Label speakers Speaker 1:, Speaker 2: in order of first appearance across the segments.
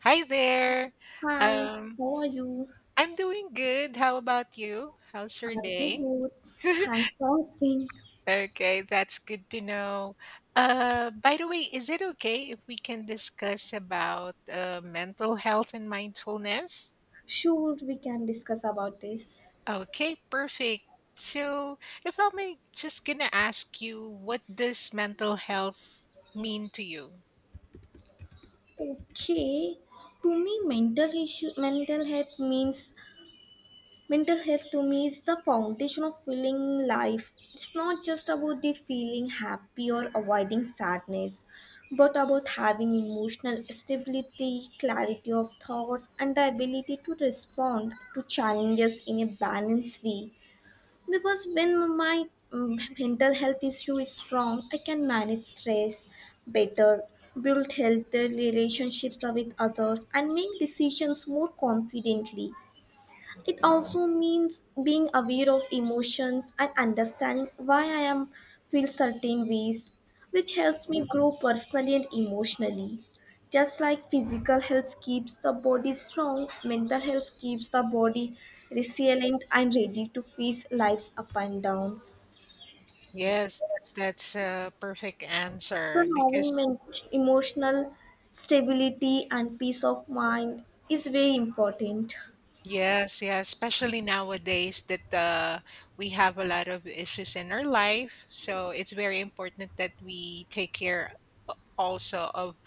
Speaker 1: Hi there.
Speaker 2: Hi,
Speaker 1: Um,
Speaker 2: how are you?
Speaker 1: I'm doing good. How about you? How's your
Speaker 2: I'm too
Speaker 1: day?
Speaker 2: good. Thanks for asking.
Speaker 1: Okay, that's good to know. By the way, is it okay if we can discuss about mental health and mindfulness?
Speaker 2: Sure, we can discuss about this.
Speaker 1: Okay, perfect. So, if I may, just gonna ask you, what does mental health mean to you?
Speaker 2: Okay, to me, mental issue, mental health means mental health to me is the foundation of feeling life. It's not just about the feeling happy or avoiding sadness, but about having emotional stability, clarity of thoughts, and the ability to respond to challenges in a balanced way. Because when my mental health issue is strong, I can manage stress better, build healthy relationships with others, and make decisions more confidently. It also means being aware of emotions and understanding why I am feel certain ways, which helps me grow personally and emotionally. Just like physical health keeps the body strong, mental health keeps the body resilient and ready to face life's up and downs.
Speaker 1: Yes, that's a perfect
Speaker 2: So
Speaker 1: answer
Speaker 2: having
Speaker 1: because.
Speaker 2: men- emotional stability and peace of mind is very important.
Speaker 1: Yes, yeah, especially nowadays that we have a lot of issues in our life. So it's very important that we take care also of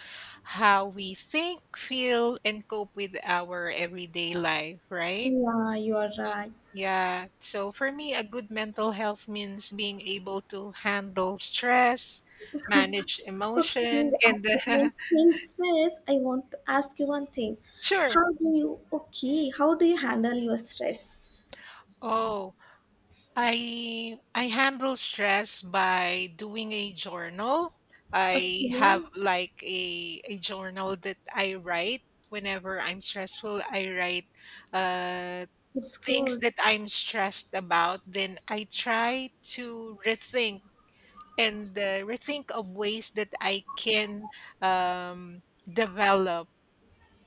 Speaker 1: how we think, feel, and cope with our everyday life, right?
Speaker 2: Yeah, you are right.
Speaker 1: Yeah. So for me, a good mental health means being able to handle stress, manage
Speaker 2: Okay,
Speaker 1: emotion, and
Speaker 2: as you mentioned stress, I want to ask you one thing.
Speaker 1: sure.
Speaker 2: How do you okay? How do you handle your stress?
Speaker 1: Oh, I handle stress by doing a journal.
Speaker 2: Okay,
Speaker 1: I have like a journal that I write whenever I'm stressful. I write uh
Speaker 2: it's
Speaker 1: things
Speaker 2: good.
Speaker 1: that I'm stressed about. Then I try to rethink and rethink of ways that I can um develop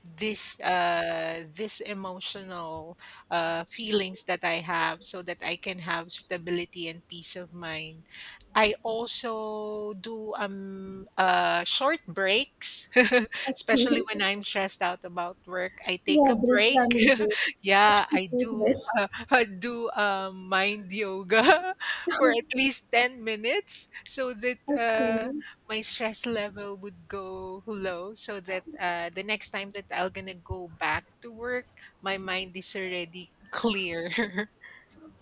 Speaker 1: this emotional feelings that I have so that I can have stability and peace of mind. I also do short breaks. Especially
Speaker 2: Okay,
Speaker 1: when I'm stressed out about work, I take
Speaker 2: yeah,
Speaker 1: a
Speaker 2: breaks
Speaker 1: break.
Speaker 2: are needed.
Speaker 1: Yeah,
Speaker 2: Okay,
Speaker 1: I
Speaker 2: good.
Speaker 1: do I do mind yoga for at least 10 minutes so that
Speaker 2: Okay,
Speaker 1: my stress level would go low so that the next time that I'm gonna go back to work, my mind is already clear.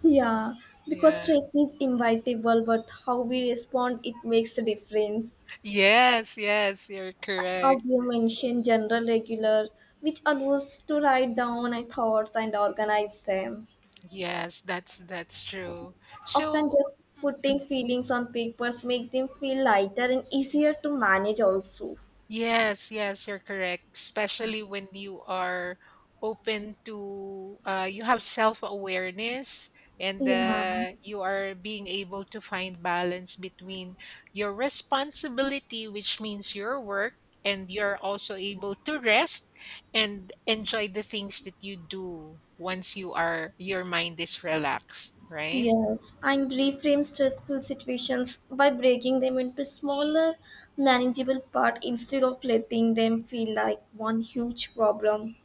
Speaker 2: yeah, because
Speaker 1: Yeah.
Speaker 2: stress is inevitable, but how we respond it makes a difference.
Speaker 1: Yes, yes, you're correct.
Speaker 2: As you mentioned, general regular, which allows to write down my thoughts and organize them.
Speaker 1: Yes, that's true.
Speaker 2: Often
Speaker 1: So,
Speaker 2: just putting feelings on papers make them feel lighter and easier to manage also.
Speaker 1: yes, yes, you're correct. Especially when you are open to, you have self-awareness and
Speaker 2: Yeah.
Speaker 1: you are being able to find balance between your responsibility, which means your work, and you're also able to rest and enjoy the things that you do once you are, your mind is relaxed, right?
Speaker 2: Yes, and reframe stressful situations by breaking them into smaller, manageable parts instead of letting them feel like one huge problem.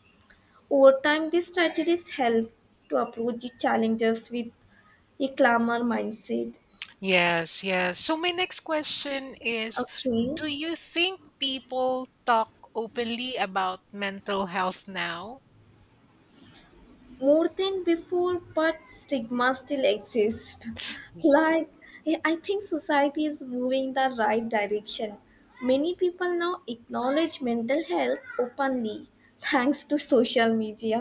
Speaker 2: Over time, these strategies help to approach the challenges with a calmer mindset.
Speaker 1: Yes, yes. So my next question is,
Speaker 2: Okay.
Speaker 1: do you think people talk openly about mental health now?
Speaker 2: More than before, but stigma still exists.
Speaker 1: Y-
Speaker 2: Like, I think society is moving the right direction. Many people now acknowledge mental health openly thanks to social media,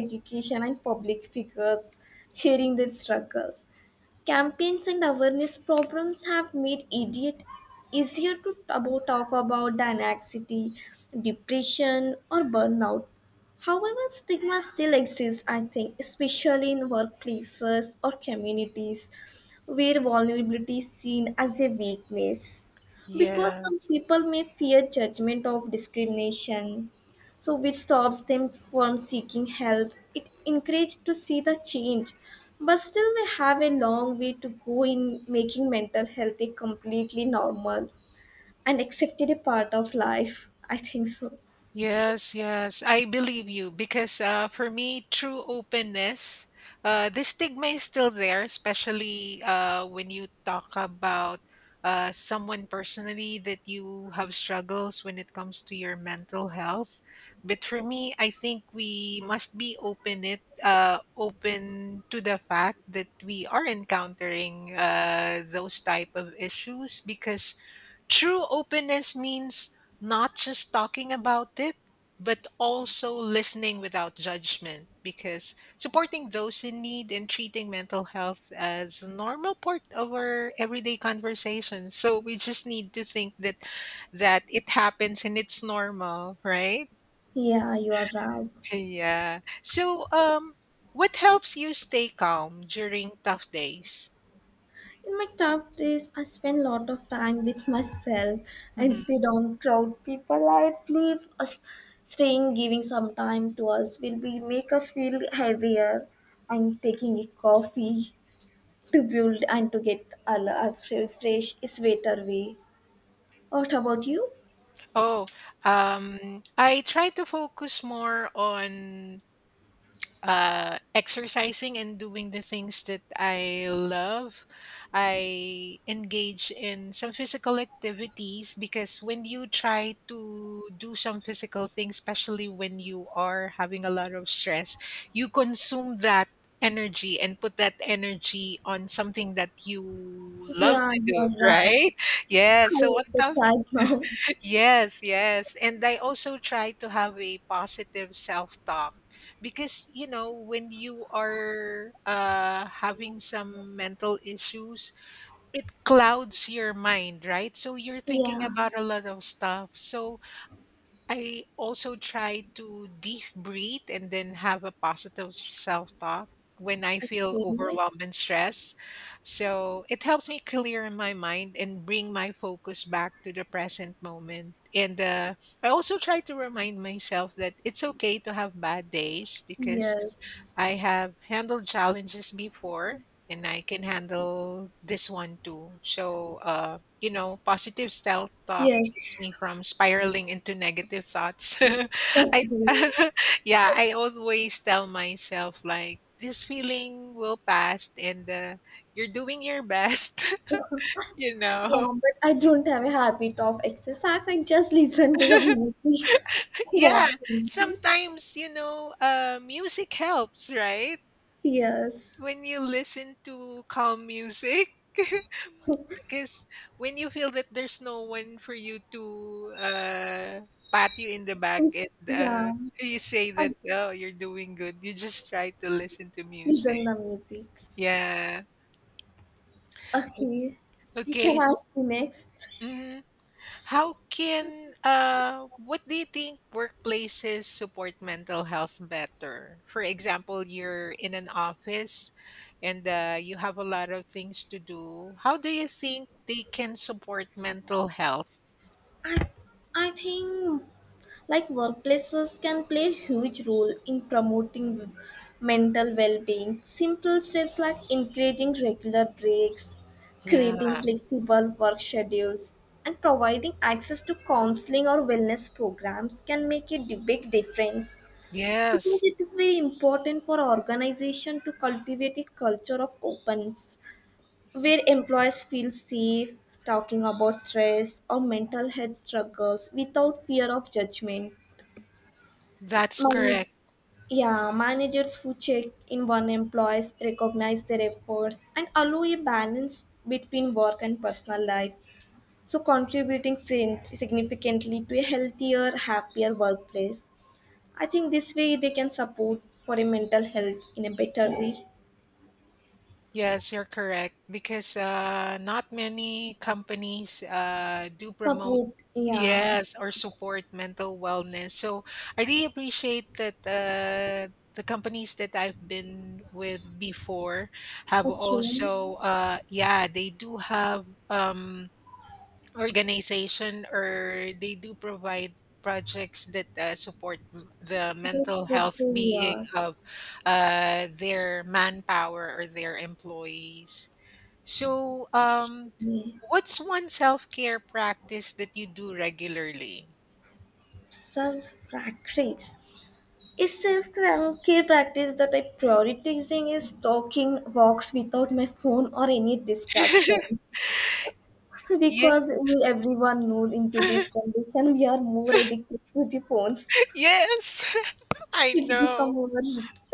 Speaker 2: education, and public figures sharing their struggles. Campaigns and awareness programs have made idiot easier to taboo talk about than anxiety, depression, or burnout. However, stigma still exists, I think, especially in workplaces or communities where vulnerability is seen as a weakness. Because
Speaker 1: Yeah.
Speaker 2: some people may fear judgment of discrimination, so which stops them from seeking help. It encouraged to see the change, but still we have a long way to go in making mental health a completely normal and accepted a part of life. I think so.
Speaker 1: Yes, yes, I believe you because for me, true openness, the stigma is still there, especially when you talk about someone personally that you have struggles when it comes to your mental health. But for me, I think we must be open to the fact that we are encountering those type of issues because true openness means not just talking about it, but also listening without judgment because supporting those in need and treating mental health as a normal part of our everyday conversation. So we just need to think that that it happens and it's normal, right?
Speaker 2: Yeah, you are right.
Speaker 1: Yeah. So what helps you stay calm during tough days?
Speaker 2: In my tough days, I spend a lot of time with myself and
Speaker 1: Mhm.
Speaker 2: sit on crowd people. I believe us staying, giving some time to us will be make us feel heavier. And taking a coffee to build and to get a l- a fre- fresh, sweater way. What about you?
Speaker 1: Oh, I try to focus more on exercising and doing the things that I love. I engage in some physical activities because when you try to do some physical things, especially when you are having a lot of stress, you consume that energy and put that energy on something that you love
Speaker 2: Yeah,
Speaker 1: to do,
Speaker 2: you're right.
Speaker 1: right? Yeah.
Speaker 2: I
Speaker 1: So on
Speaker 2: also
Speaker 1: top
Speaker 2: tried now.
Speaker 1: Yes, yes. And I also try to have a positive self-talk because, when you are having some mental issues, it clouds your mind, right? So you're thinking
Speaker 2: Yeah.
Speaker 1: about a lot of stuff. So I also try to deep breathe and then have a positive self talk when I feel
Speaker 2: Okay.
Speaker 1: overwhelmed and stressed. So it helps me clear my mind and bring my focus back to the present moment. And I also try to remind myself that it's okay to have bad days because
Speaker 2: Yes.
Speaker 1: I have handled challenges before and I can handle this one too. So, positive self talk keeps
Speaker 2: Yes.
Speaker 1: me from spiraling into negative thoughts.
Speaker 2: That's
Speaker 1: I,
Speaker 2: good.
Speaker 1: yeah, I always tell myself, like, this feeling will pass and you're doing your best, you know?
Speaker 2: Yeah, but I don't have a habit of exercise. I just listen to the music,
Speaker 1: Yeah,
Speaker 2: walking.
Speaker 1: sometimes, music helps, right?
Speaker 2: Yes.
Speaker 1: When you listen to calm music, because when you feel that there's no one for you to pat you in the back
Speaker 2: It's-
Speaker 1: and
Speaker 2: Yeah.
Speaker 1: you say that,
Speaker 2: I
Speaker 1: oh, you're doing good, you just try to listen to music.
Speaker 2: listen the music.
Speaker 1: Yeah. O-
Speaker 2: Okay. You
Speaker 1: okay,
Speaker 2: can ask me next.
Speaker 1: mhm. How can what do you think workplaces support mental health better? For example, you're in an office and you have a lot of things to do. How do you think they can support mental health?
Speaker 2: I, I think like workplaces can play a huge role in promoting mental well-being. Simple steps like encouraging regular breaks,
Speaker 1: Yeah.
Speaker 2: creating flexible work schedules, and providing access to counseling or wellness programs can make a di- big difference. Because
Speaker 1: Yes.
Speaker 2: it is very important for organization to cultivate a culture of openness where employees feel safe talking about stress or mental health struggles without fear of judgment.
Speaker 1: That's
Speaker 2: Man-
Speaker 1: correct.
Speaker 2: yeah, managers who check in on employees recognize their efforts and allow a balance between work and personal life, so contributing sin- significantly to a healthier, happier workplace. I think this way they can support for a mental health in a better way.
Speaker 1: Yes, you're correct because not many companies do promote,
Speaker 2: Support, yeah.
Speaker 1: yes, or support mental wellness. So I really appreciate that the companies that I've been with before have
Speaker 2: Okay,
Speaker 1: also, yeah, they do have organization or they do provide projects that support the
Speaker 2: that's
Speaker 1: mental
Speaker 2: good
Speaker 1: health
Speaker 2: to
Speaker 1: being
Speaker 2: hear.
Speaker 1: of their manpower or their employees. So,
Speaker 2: Self
Speaker 1: what's one self care practice that you do regularly?
Speaker 2: practice. Is self care practice that I prioritizing is talking walks without my phone or any distraction.
Speaker 1: Yeah.
Speaker 2: Because we- everyone knows into this generation we are more addicted to the phones.
Speaker 1: Yes. I
Speaker 2: It's
Speaker 1: know.
Speaker 2: become our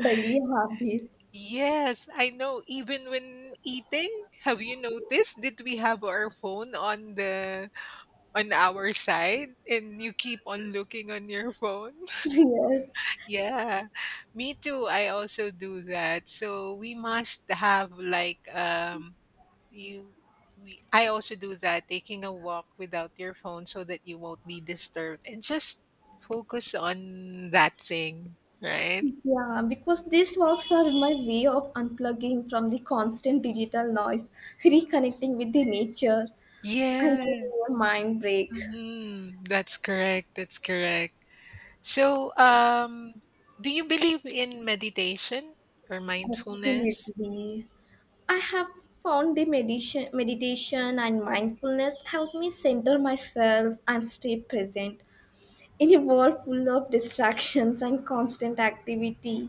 Speaker 2: daily habit.
Speaker 1: Yes, I know. Even when eating, have you noticed? Did we have our phone on our side and you keep on looking on your phone?
Speaker 2: Yes.
Speaker 1: Yeah. Me too. I also do that. So we must have like you we I also do that, taking a walk without your phone so that you won't be disturbed and just focus on that thing, right?
Speaker 2: Yeah, because these walks are my way of unplugging from the constant digital noise, reconnecting with the nature, and
Speaker 1: Yeah.
Speaker 2: giving a mind break.
Speaker 1: Mhm. That's correct. That's correct. So, do you believe in meditation or mindfulness?
Speaker 2: Absolutely. I have found the meditation, meditation and mindfulness help me center myself and stay present. In a world full of distractions and constant activity,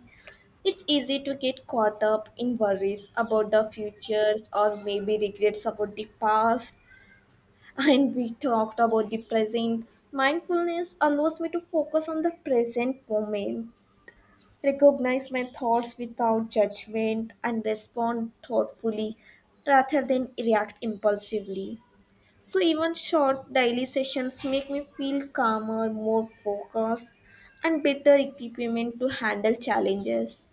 Speaker 2: it's easy to get caught up in worries about the futures or maybe regrets about the past. And we talked about the present. Mindfulness allows me to focus on the present moment, recognize my thoughts without judgment, and respond thoughtfully rather than react impulsively. So, even short daily sessions make me feel calmer, more focused, and better equipment to handle challenges.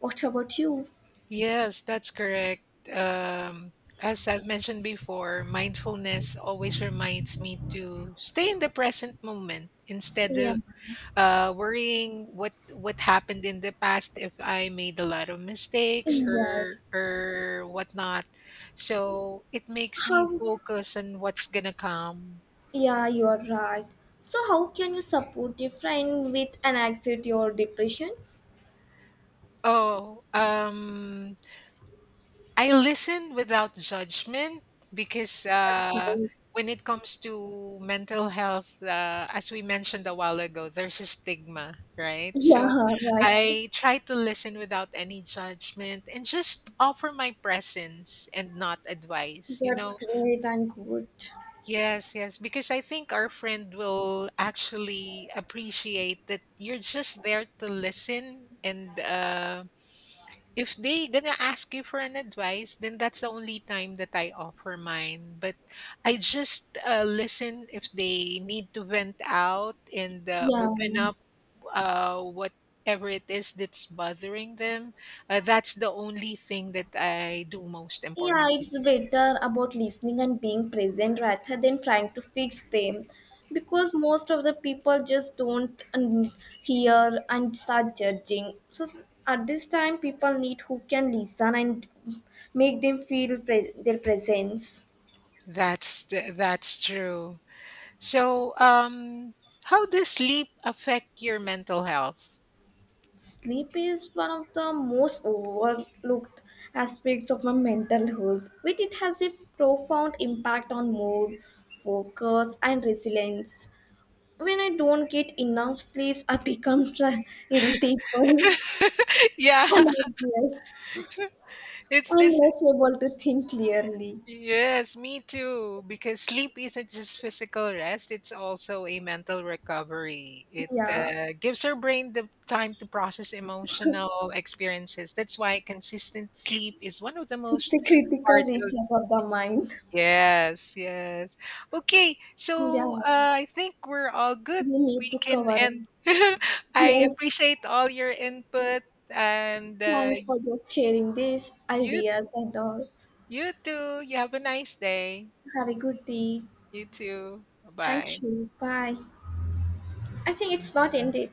Speaker 2: What about you?
Speaker 1: Yes, that's correct. Um, as I've mentioned before, mindfulness always reminds me to stay in the present moment instead
Speaker 2: Yeah.
Speaker 1: of worrying what happened in the past if I made a lot of mistakes or
Speaker 2: Yes.
Speaker 1: or whatnot. So it makes me
Speaker 2: How?
Speaker 1: focus on what's gonna come.
Speaker 2: Yeah, you are right. So, how can you support your friend with an anxiety or depression?
Speaker 1: Oh, I listen without judgment because
Speaker 2: That's right.
Speaker 1: when it comes to mental health, as we mentioned a while ago, there's a stigma, right? So
Speaker 2: Yeah, right.
Speaker 1: I try to listen without any judgment and just offer my presence and not advice, you
Speaker 2: That's
Speaker 1: know?
Speaker 2: great and good.
Speaker 1: Yes, yes, because I think our friend will actually appreciate that you're just there to listen and if they gonna ask you for an advice, then that's the only time that I offer mine, but I just, listen if they need to vent out and,
Speaker 2: Yeah.
Speaker 1: open up, whatever it is that's bothering them. That's the only thing that I do most
Speaker 2: Yeah,
Speaker 1: important.
Speaker 2: it's better about listening and being present rather than trying to fix them because most of the people just don't un- hear and start judging. So s- at this time, people need who can listen and make them feel pre- their presence.
Speaker 1: That's true. So, how does sleep affect your mental health?
Speaker 2: Sleep is one of the most overlooked aspects of my mental health, which it has a profound impact on mood, focus, and resilience. When I don't get enough sleeps, I become tra- irritable
Speaker 1: Yeah,
Speaker 2: and anxious
Speaker 1: it's
Speaker 2: and
Speaker 1: this
Speaker 2: less able to think clearly.
Speaker 1: Yes, me too. Because sleep isn't just physical rest, it's also a mental recovery. It
Speaker 2: Yeah,
Speaker 1: gives our brain the time to process emotional experiences. That's why consistent sleep is one of the
Speaker 2: it's a
Speaker 1: most
Speaker 2: critical
Speaker 1: part of.
Speaker 2: region of the mind.
Speaker 1: Yes, yes. Okay, so
Speaker 2: Yeah,
Speaker 1: I think we're all good.
Speaker 2: we need
Speaker 1: We
Speaker 2: to
Speaker 1: can
Speaker 2: cover.
Speaker 1: end. I
Speaker 2: Yes,
Speaker 1: appreciate all your input and
Speaker 2: thanks for just sharing these
Speaker 1: you
Speaker 2: ideas and all.
Speaker 1: you too. You have a nice day.
Speaker 2: Have a good day.
Speaker 1: You too. Bye.
Speaker 2: Thank you. Bye. I think it's not ended.